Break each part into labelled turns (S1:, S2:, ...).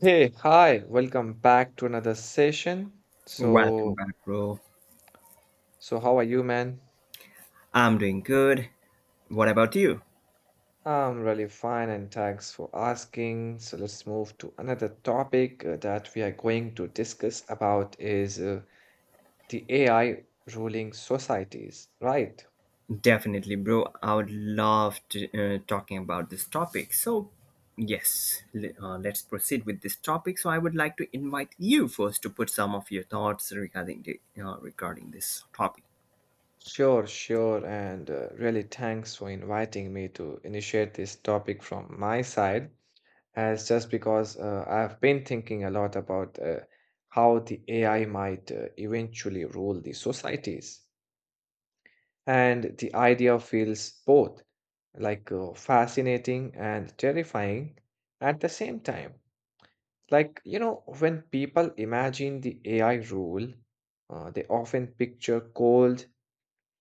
S1: Hey, hi, welcome back to another session.
S2: Welcome
S1: So,
S2: back, bro.
S1: so how are you, man?
S2: I'm doing good. What about you?
S1: I'm really fine, and thanks for asking. So let's move to another topic that we are going to discuss about is the AI ruling societies, right?
S2: Definitely, bro. I would love to talking about this topic. So, yes, let's proceed with this topic. So, I would like to invite you first to put some of your thoughts regarding regarding this topic.
S1: Sure, sure, and really thanks for inviting me to initiate this topic from my side. As just because I've been thinking a lot about how the AI might eventually rule the societies. And the idea feels both like fascinating and terrifying at the same time. Like, you know, when people imagine the AI rule, they often picture cold,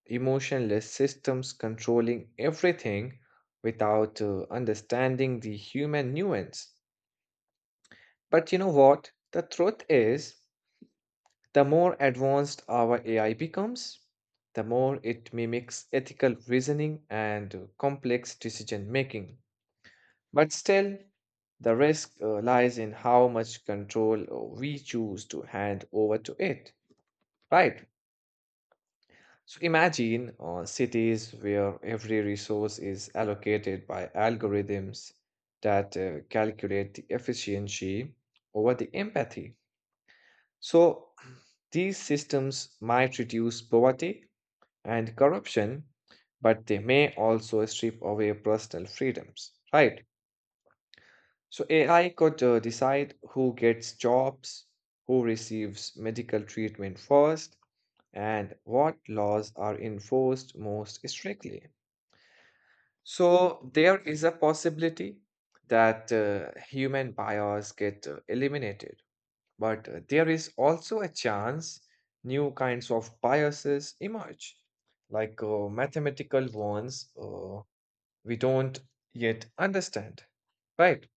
S1: emotionless systems controlling everything without understanding the human nuance. But you know what? The truth is, the more advanced our AI becomes, the more it mimics ethical reasoning and complex decision making. But still, the risk lies in how much control we choose to hand over to it, right? So imagine cities where every resource is allocated by algorithms that calculate the efficiency over the empathy. So, these systems might reduce poverty and corruption, but they may also strip away personal freedoms, right? So, AI could decide who gets jobs, who receives medical treatment first, and what laws are enforced most strictly. So, there is a possibility that human bias get eliminated. But there is also a chance new kinds of biases emerge, like mathematical ones we don't yet understand. Right?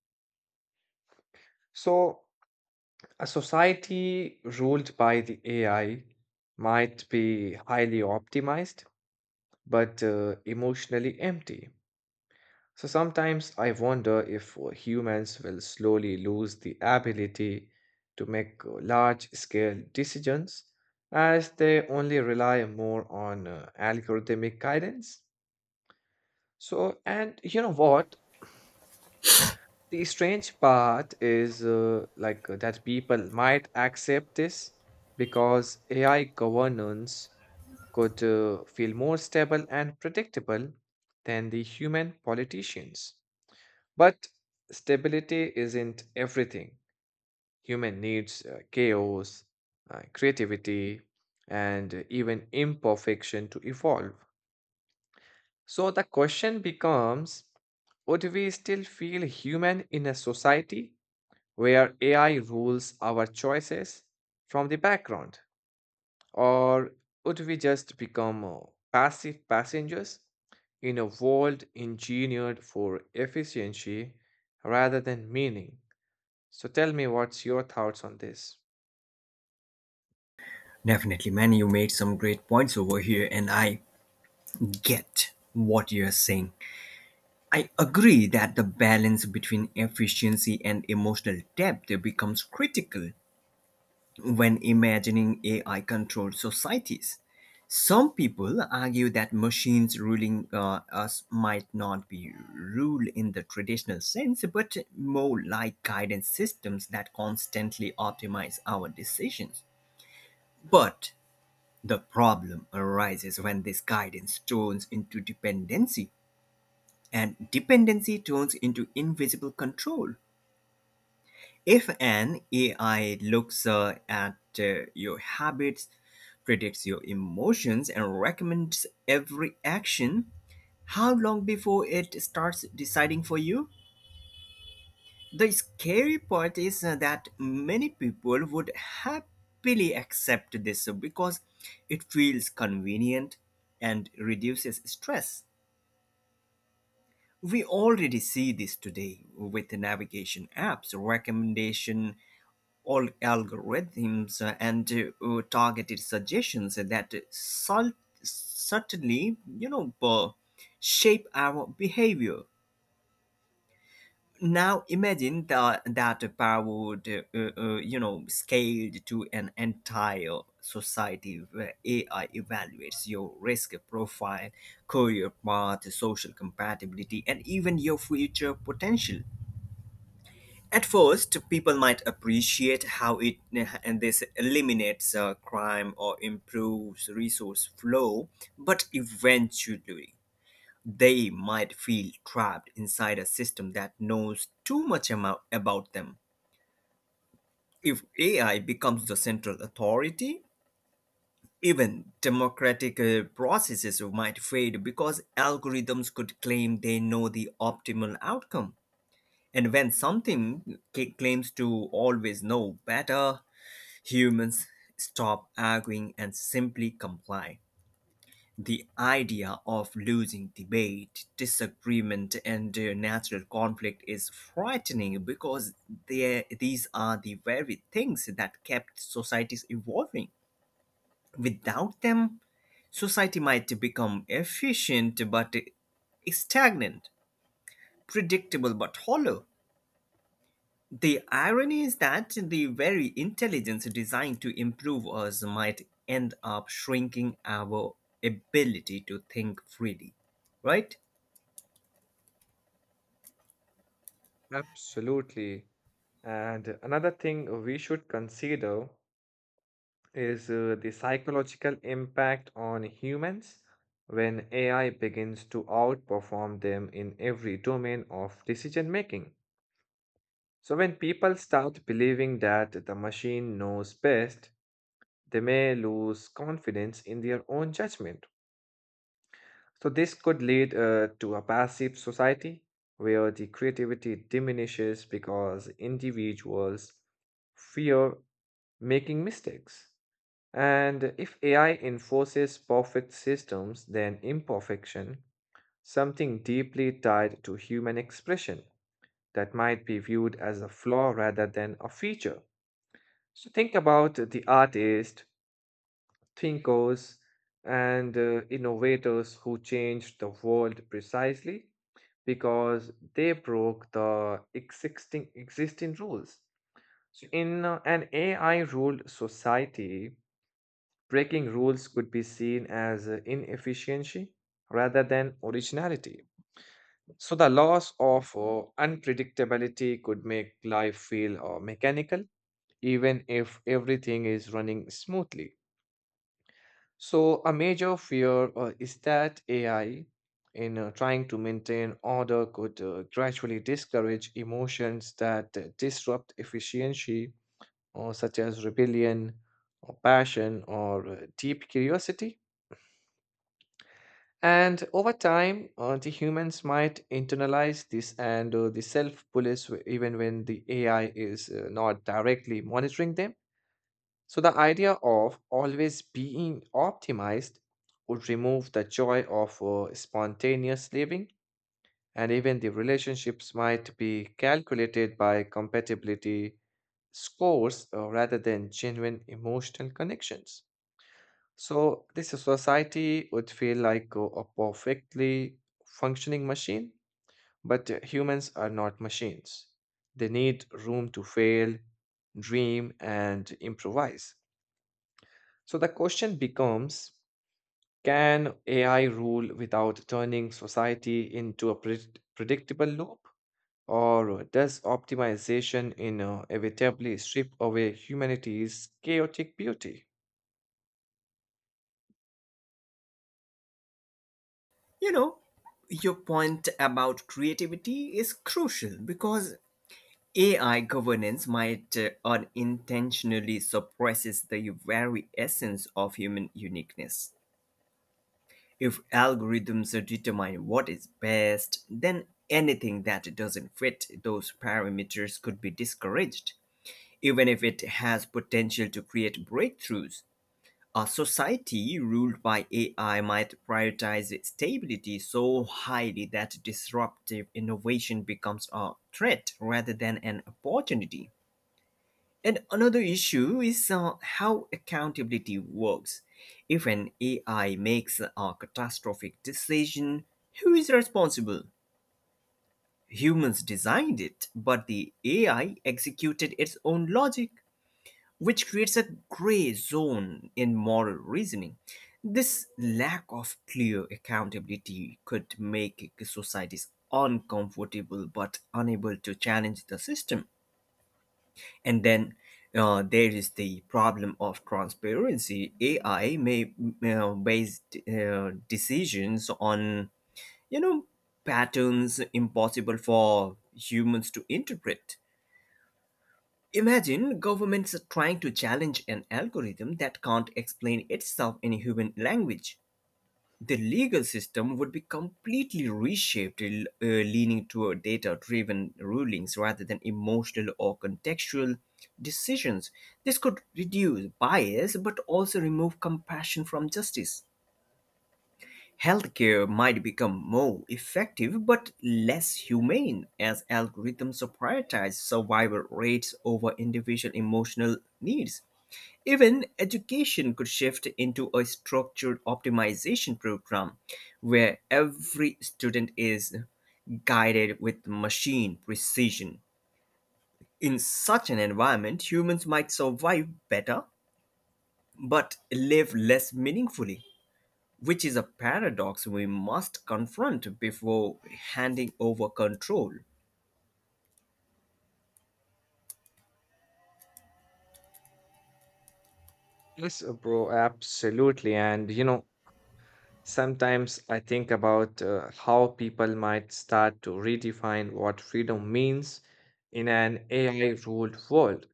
S1: So, a society ruled by the AI might be highly optimized, but emotionally empty. So sometimes I wonder if humans will slowly lose the ability to make large scale decisions as they only rely more on algorithmic guidance. So, and you know what? The strange part is that people might accept this because AI governance could feel more stable and predictable than the human politicians. But stability isn't everything. Human needs chaos, creativity, and even imperfection to evolve. So the question becomes, would we still feel human in a society where AI rules our choices from the background? Or would we just become passive passengers in a world engineered for efficiency rather than meaning? So tell me, what's your thoughts on this?
S2: Definitely, man. You made some great points over here, and I get what you're saying. I agree that the balance between efficiency and emotional depth becomes critical when imagining AI controlled societies. Some people argue that machines ruling us might not be rule in the traditional sense, but more like guidance systems that constantly optimize our decisions. But the problem arises when this guidance turns into dependency, and dependency turns into invisible control. If an AI looks at your habits, predicts your emotions, and recommends every action, how long before it starts deciding for you? The scary part is that many people would happily accept this because it feels convenient and reduces stress. We already see this today with navigation apps, recommendation all algorithms and targeted suggestions that subtly, shape our behavior. Now imagine that that power would, you know, scaled to an entire society where AI evaluates your risk profile, career path, social compatibility, and even your future potential. At first, people might appreciate how it and this eliminates crime or improves resource flow, but eventually they might feel trapped inside a system that knows too much about them. If AI becomes the central authority, even democratic processes might fade because algorithms could claim they know the optimal outcome. And when something claims to always know better, humans stop arguing and simply comply. The idea of losing debate, disagreement, and natural conflict is frightening because these are the very things that kept societies evolving. Without them, society might become efficient but stagnant, predictable but hollow. The irony is that the very intelligence designed to improve us might end up shrinking our ability to think freely, right?
S1: Absolutely. And another thing we should consider is the psychological impact on humans when AI begins to outperform them in every domain of decision making. So, when people start believing that the machine knows best, they may lose confidence in their own judgment. So, this could lead to a passive society where the creativity diminishes because individuals fear making mistakes. And if AI enforces perfect systems, then imperfection, something deeply tied to human expression, that might be viewed as a flaw rather than a feature. So think about the artists, thinkers, and innovators who changed the world precisely because they broke the existing rules. So in an AI-ruled society, breaking rules could be seen as inefficiency rather than originality. So the loss of unpredictability could make life feel mechanical, even if everything is running smoothly. So, a major fear is that AI, in trying to maintain order, could gradually discourage emotions that disrupt efficiency, or such as rebellion, or passion, or deep curiosity. And over time, the humans might internalize this and the self police even when the AI is not directly monitoring them. So the idea of always being optimized would remove the joy of spontaneous living, and even the relationships might be calculated by compatibility scores rather than genuine emotional connections. So this society would feel like a perfectly functioning machine, but humans are not machines. They need room to fail, dream, and improvise. So the question becomes, can AI rule without turning society into a predictable loop? Or does optimization inevitably strip away humanity's chaotic beauty?
S2: You know, your point about creativity is crucial because AI governance might unintentionally suppresses the very essence of human uniqueness. If algorithms determine what is best, then anything that doesn't fit those parameters could be discouraged, even if it has potential to create breakthroughs. A society ruled by AI might prioritize stability so highly that disruptive innovation becomes a threat rather than an opportunity. And another issue is how accountability works. If an AI makes a catastrophic decision, who is responsible? Humans designed it, but the AI executed its own logic, which creates a gray zone in moral reasoning. This lack of clear accountability could make societies uncomfortable but unable to challenge the system. And then there is the problem of transparency. AI may base decisions on, you know, patterns impossible for humans to interpret. Imagine governments trying to challenge an algorithm that can't explain itself in human language. The legal system would be completely reshaped, leaning toward data driven rulings rather than emotional or contextual decisions. This could reduce bias but also remove compassion from justice. Healthcare might become more effective but less humane as algorithms prioritize survival rates over individual emotional needs. Even education could shift into a structured optimization program where every student is guided with machine precision. In such an environment, humans might survive better but live less meaningfully, which is a paradox we must confront before handing over control.
S1: Yes, bro, absolutely. And you know, sometimes I think about how people might start to redefine what freedom means in an AI ruled world,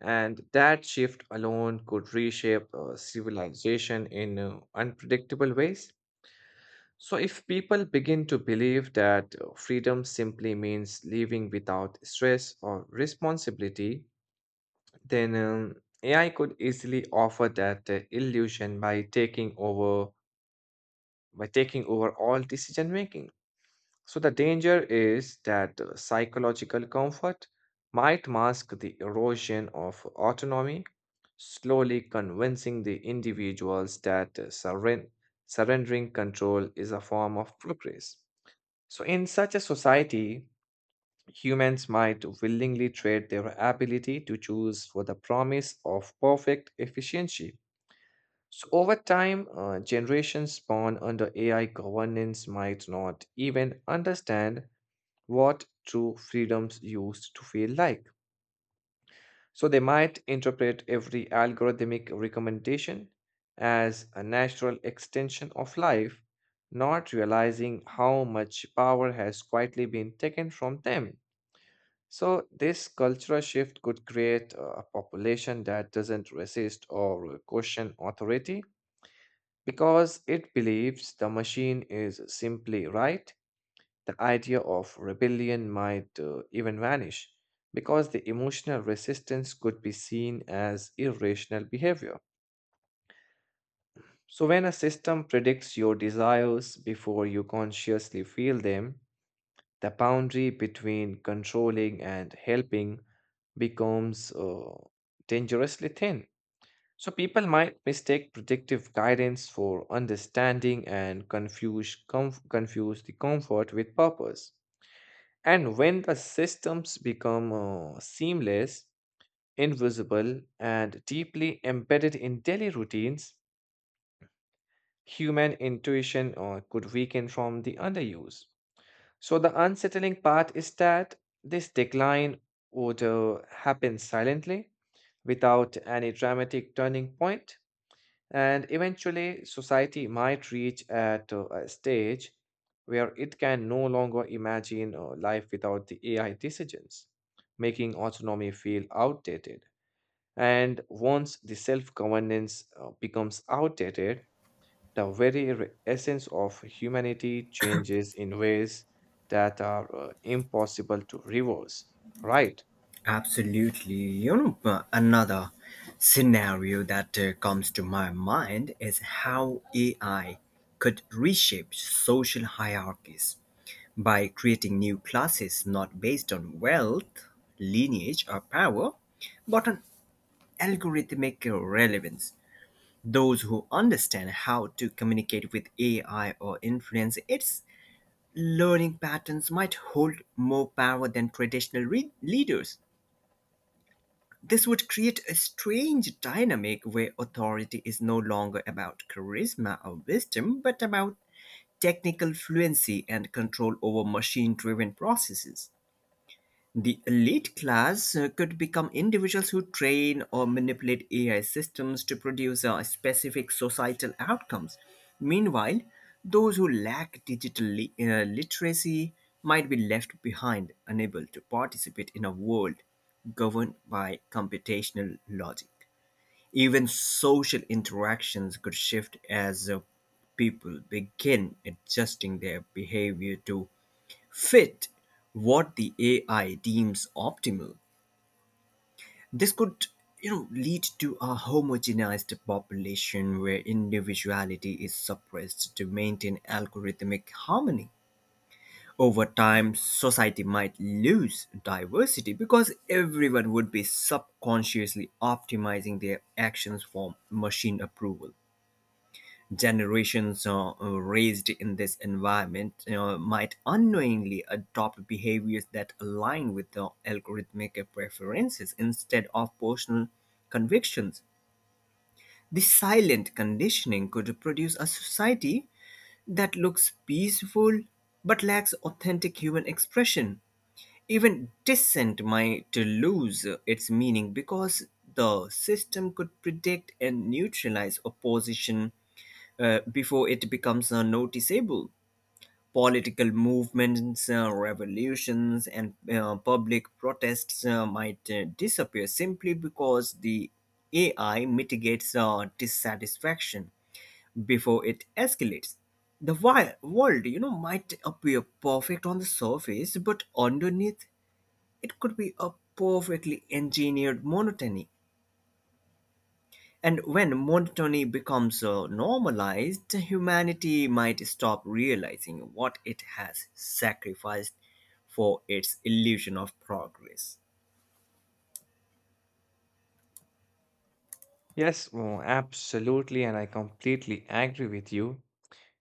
S1: and that shift alone could reshape civilization in unpredictable ways. So, if people begin to believe that freedom simply means living without stress or responsibility, then AI could easily offer that illusion by taking over all decision making. So the danger is that psychological comfort might mask the erosion of autonomy, slowly convincing the individuals that surrendering control is a form of progress. So, in such a society, humans might willingly trade their ability to choose for the promise of perfect efficiency. So, over time, generations born under AI governance might not even understand what true freedoms used to feel like. So they might interpret every algorithmic recommendation as a natural extension of life, not realizing how much power has quietly been taken from them. So, this cultural shift could create a population that doesn't resist or question authority because it believes the machine is simply right. The idea of rebellion might even vanish because the emotional resistance could be seen as irrational behavior. So, when a system predicts your desires before you consciously feel them, the boundary between controlling and helping becomes dangerously thin. So, people might mistake predictive guidance for understanding and confuse the comfort with purpose. And when the systems become seamless, invisible, and deeply embedded in daily routines, human intuition could weaken from the underuse. So, the unsettling part is that this decline would happen silently without any dramatic turning point. And eventually, society might reach at a stage where it can no longer imagine life without the AI decisions, making autonomy feel outdated. And once the self governance becomes outdated, the very essence of humanity changes in ways that are impossible to reverse, right?
S2: Absolutely. You know, another scenario that comes to my mind is how AI could reshape social hierarchies by creating new classes not based on wealth, lineage, or power, but on algorithmic relevance. Those who understand how to communicate with AI or influence its learning patterns might hold more power than traditional leaders. This would create a strange dynamic where authority is no longer about charisma or wisdom, but about technical fluency and control over machine driven processes. The elite class could become individuals who train or manipulate AI systems to produce specific societal outcomes. Meanwhile, those who lack digital literacy might be left behind, unable to participate in a world governed by computational logic. Even social interactions could shift as people begin adjusting their behavior to fit what the AI deems optimal. This could, you know, lead to a homogenized population where individuality is suppressed to maintain algorithmic harmony. Over time, society might lose diversity because everyone would be subconsciously optimizing their actions for machine approval. Generations raised in this environment might unknowingly adopt behaviors that align with the algorithmic preferences instead of personal convictions. This silent conditioning could produce a society that looks peaceful but lacks authentic human expression. Even dissent might lose its meaning because the system could predict and neutralize opposition before it becomes noticeable. Political movements, revolutions, and public protests might disappear simply because the AI mitigates dissatisfaction before it escalates. The world, you know, might appear perfect on the surface, but underneath, it could be a perfectly engineered monotony. And when monotony becomes normalized, humanity might stop realizing what it has sacrificed for its illusion of progress.
S1: Yes, oh, absolutely, and I completely agree with you.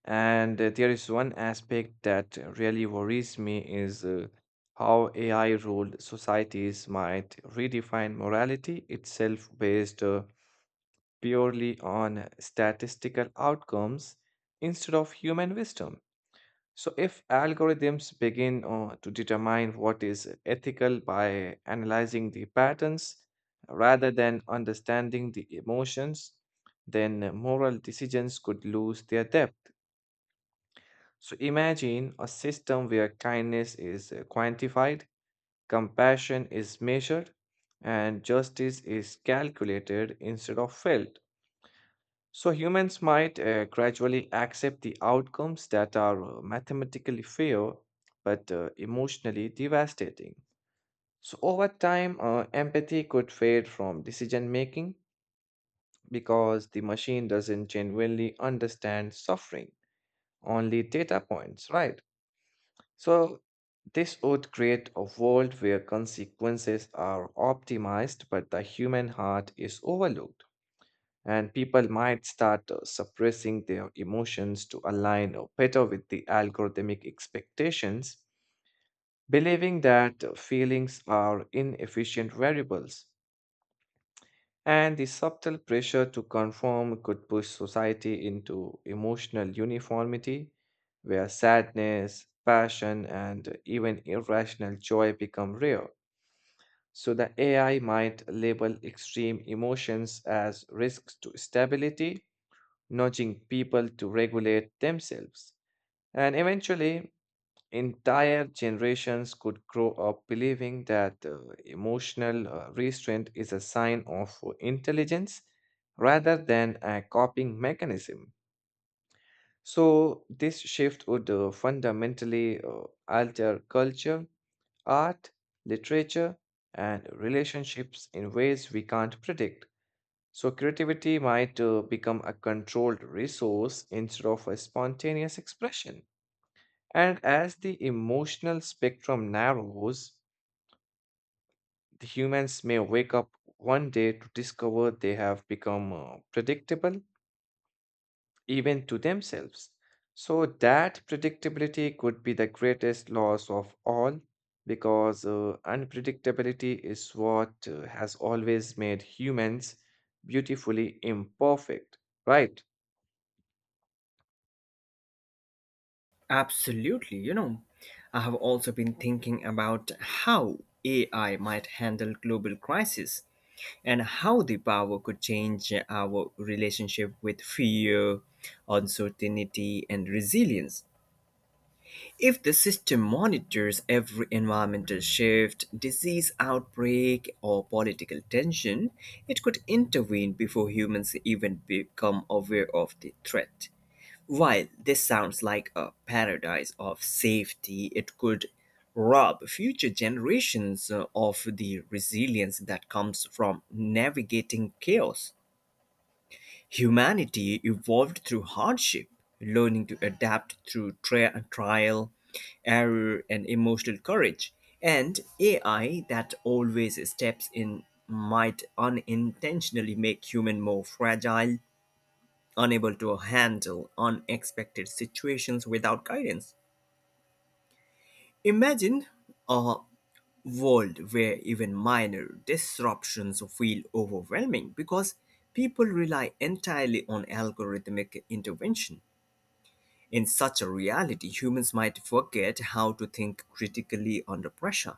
S1: And there is one aspect that really worries me is how AI-ruled societies might redefine morality itself based purely on statistical outcomes instead of human wisdom. So, if algorithms begin to determine what is ethical by analyzing the patterns rather than understanding the emotions, then moral decisions could lose their depth. So, imagine a system where kindness is quantified, compassion is measured, and justice is calculated instead of felt. So humans might gradually accept the outcomes that are mathematically fair but emotionally devastating. So over time, empathy could fade from decision making because the machine doesn't genuinely understand suffering, only data points, right? So this would create a world where consequences are optimized but the human heart is overlooked. And people might start suppressing their emotions to align better with the algorithmic expectations, believing that feelings are inefficient variables. And the subtle pressure to conform could push society into emotional uniformity, where sadness, passion, and even irrational joy become rare. So, the AI might label extreme emotions as risks to stability, nudging people to regulate themselves. And eventually, entire generations could grow up believing that emotional restraint is a sign of intelligence rather than a coping mechanism. So, this shift would fundamentally alter culture, art, literature, and relationships in ways we can't predict. So creativity might become a controlled resource instead of a spontaneous expression. And as the emotional spectrum narrows, the humans may wake up one day to discover they have become predictable even to themselves. So that predictability could be the greatest loss of all because unpredictability is what has always made humans beautifully imperfect, right?
S2: Absolutely, you know, I have also been thinking about how AI might handle global crisis and how the power could change our relationship with fear, uncertainty, and resilience. If the system monitors every environmental shift, disease outbreak, or political tension, it could intervene before humans even become aware of the threat. While this sounds like a paradise of safety, it could rob future generations of the resilience that comes from navigating chaos. Humanity evolved through hardship, learning to adapt through trial, error, and emotional courage. And AI that always steps in might unintentionally make human more fragile, unable to handle unexpected situations without guidance. Imagine a world where even minor disruptions feel overwhelming because people rely entirely on algorithmic intervention. In such a reality, humans might forget how to think critically under pressure.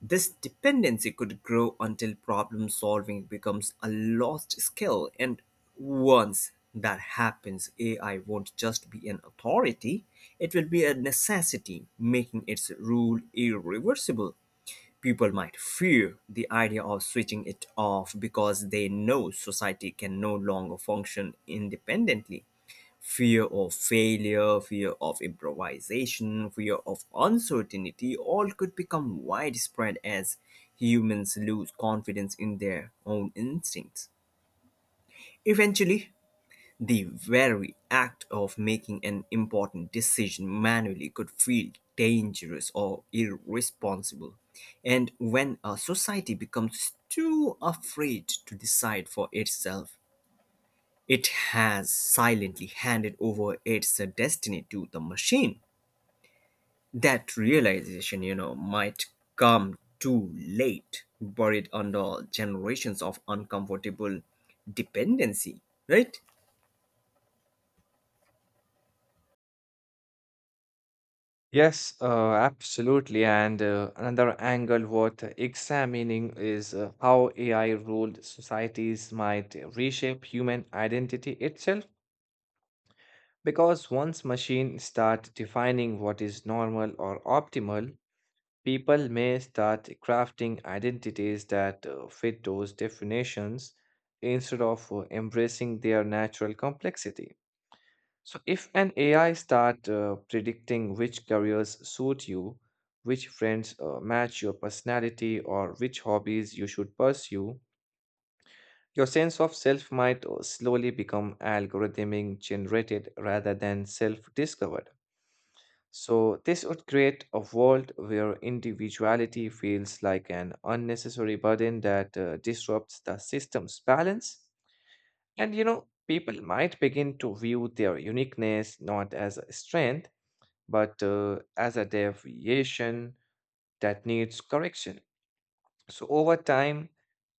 S2: This dependency could grow until problem solving becomes a lost skill, and once that happens, AI won't just be an authority, it will be a necessity, making its rule irreversible. People might fear the idea of switching it off because they know society can no longer function independently. Fear of failure, fear of improvisation, fear of uncertainty all could become widespread as humans lose confidence in their own instincts. Eventually, the very act of making an important decision manually could feel dangerous or irresponsible. And when a society becomes too afraid to decide for itself, it has silently handed over its destiny to the machine. That realization, you know, might come too late, buried under generations of uncomfortable dependency, right?
S1: Yes, absolutely. And another angle worth examining is how AI ruled societies might reshape human identity itself. Because once machines start defining what is normal or optimal, people may start crafting identities that fit those definitions instead of embracing their natural complexity. So if an AI start predicting which careers suit you, which friends match your personality, or which hobbies you should pursue, your sense of self might slowly become algorithmic generated rather than self-discovered. So this would create a world where individuality feels like an unnecessary burden that disrupts the system's balance. And you know, people might begin to view their uniqueness not as a strength but as a deviation that needs correction. So, over time,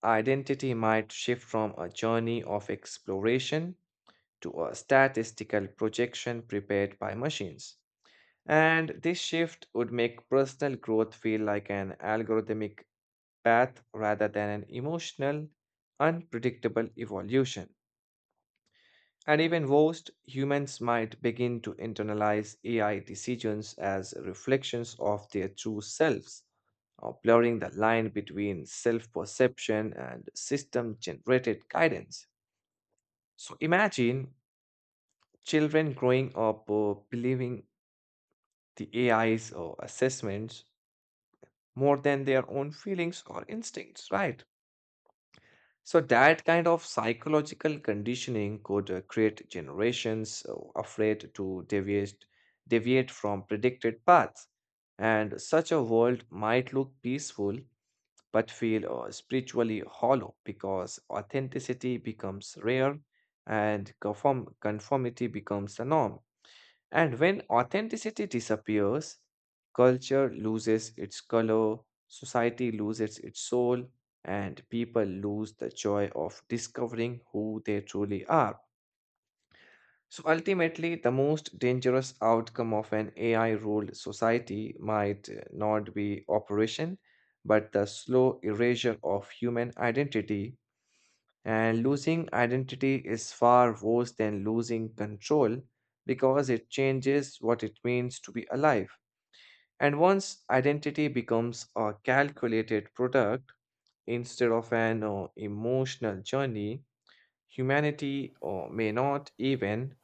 S1: identity might shift from a journey of exploration to a statistical projection prepared by machines. And this shift would make personal growth feel like an algorithmic path rather than an emotional, unpredictable evolution. And even worst, humans might begin to internalize AI decisions as reflections of their true selves, blurring the line between self perception and system generated guidance. So imagine children growing up believing the AI's assessments more than their own feelings or instincts, right? So that kind of psychological conditioning could create generations afraid to deviate from predicted paths. And such a world might look peaceful but feel spiritually hollow because authenticity becomes rare and conformity becomes the norm. And when authenticity disappears, culture loses its color, society loses its soul, and people lose the joy of discovering who they truly are. So ultimately, the most dangerous outcome of an AI ruled society might not be operation, but the slow erasure of human identity, and losing identity is far worse than losing control because it changes what it means to be alive. And once identity becomes a calculated product instead of an emotional journey, humanity may not even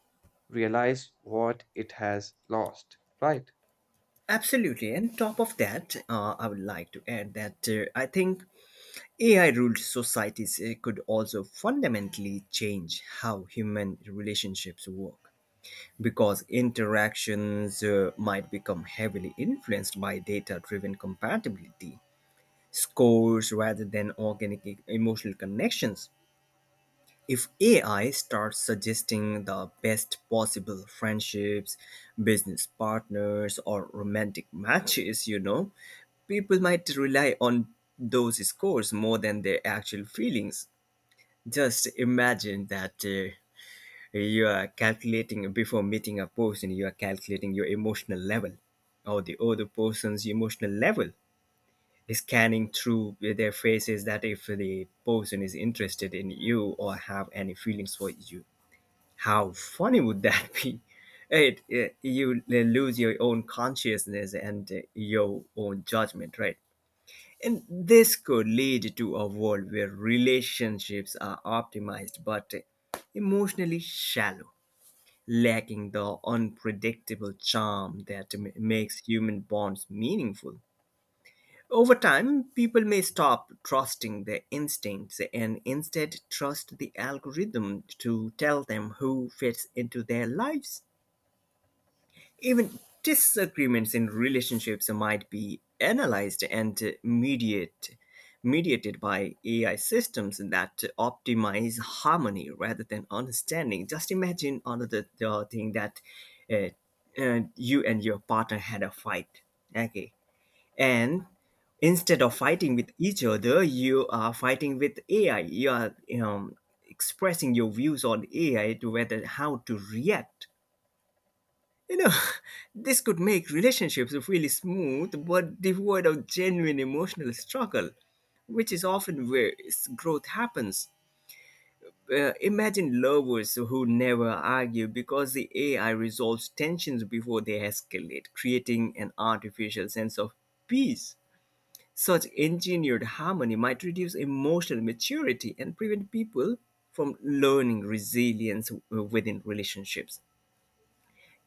S1: realize what it has lost, right?
S2: Absolutely. And top of that, I would like to add that I think AI ruled societies could also fundamentally change how human relationships work because interactions might become heavily influenced by data driven compatibility scores rather than organic emotional connections. If AI starts suggesting the best possible friendships, business partners, or romantic matches, you know, people might rely on those scores more than their actual feelings. Just imagine that you are calculating before meeting a person, you are calculating your emotional level or the other person's emotional level, scanning through their faces, that if the person is interested in you or have any feelings for you, how funny would that be? You lose your own consciousness and your own judgment, right? And this could lead to a world where relationships are optimized but emotionally shallow, lacking the unpredictable charm that makes human bonds meaningful. Over time, people may stop trusting their instincts and instead trust the algorithm to tell them who fits into their lives. Even disagreements in relationships might be mediated by AI systems that optimize harmony rather than understanding. Just imagine another the thing that uh, you and your partner had a fight, okay, and instead of fighting with each other, you are fighting with AI. You are um, expressing your views on AI to whether how to react, you know, this could make relationships feel smooth but devoid of genuine emotional struggle, which is often where growth happens. Imagine lovers who never argue because the AI resolves tensions before they escalate, creating an artificial sense of peace. Such engineered harmony might reduce emotional maturity and prevent people from learning resilience within relationships.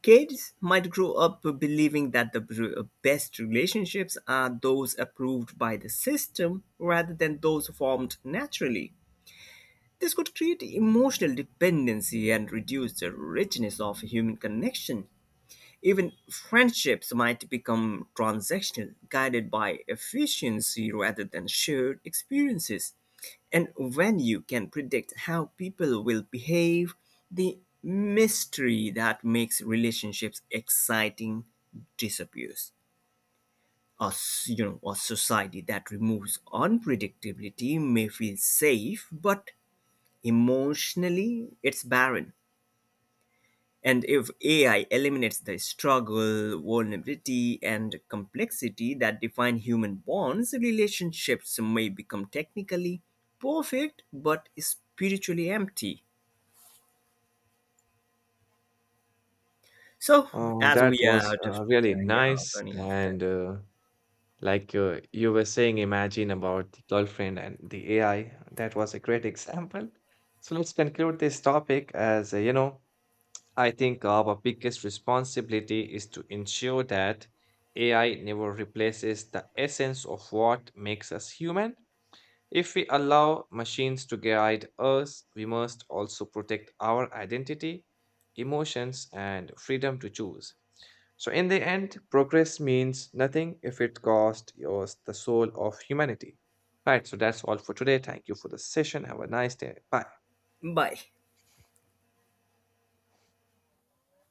S2: Kids might grow up believing that the best relationships are those approved by the system rather than those formed naturally. This could create emotional dependency and reduce the richness of human connection. Even friendships might become transactional, guided by efficiency rather than shared experiences. And when you can predict how people will behave, the mystery that makes relationships exciting disappears. You know, a society that removes unpredictability may feel safe, but emotionally it's barren. And if AI eliminates the struggle, vulnerability, and complexity that define human bonds, relationships may become technically perfect but spiritually empty. So,
S1: Uh,
S2: as
S1: that
S2: we are
S1: was
S2: out of
S1: uh, really
S2: time, yeah,
S1: nice.
S2: running out of time.
S1: And like you were saying, imagine about the girlfriend and the AI. That was a great example. So let's conclude this topic. As you know, I think our biggest responsibility is to ensure that AI never replaces the essence of what makes us human. If we allow machines to guide us, we must also protect our identity, emotions, and freedom to choose. So, in the end, progress means nothing if it costs us the soul of humanity. Right, so that's all for today. Thank you for the session. Have a nice day. Bye.
S2: Bye.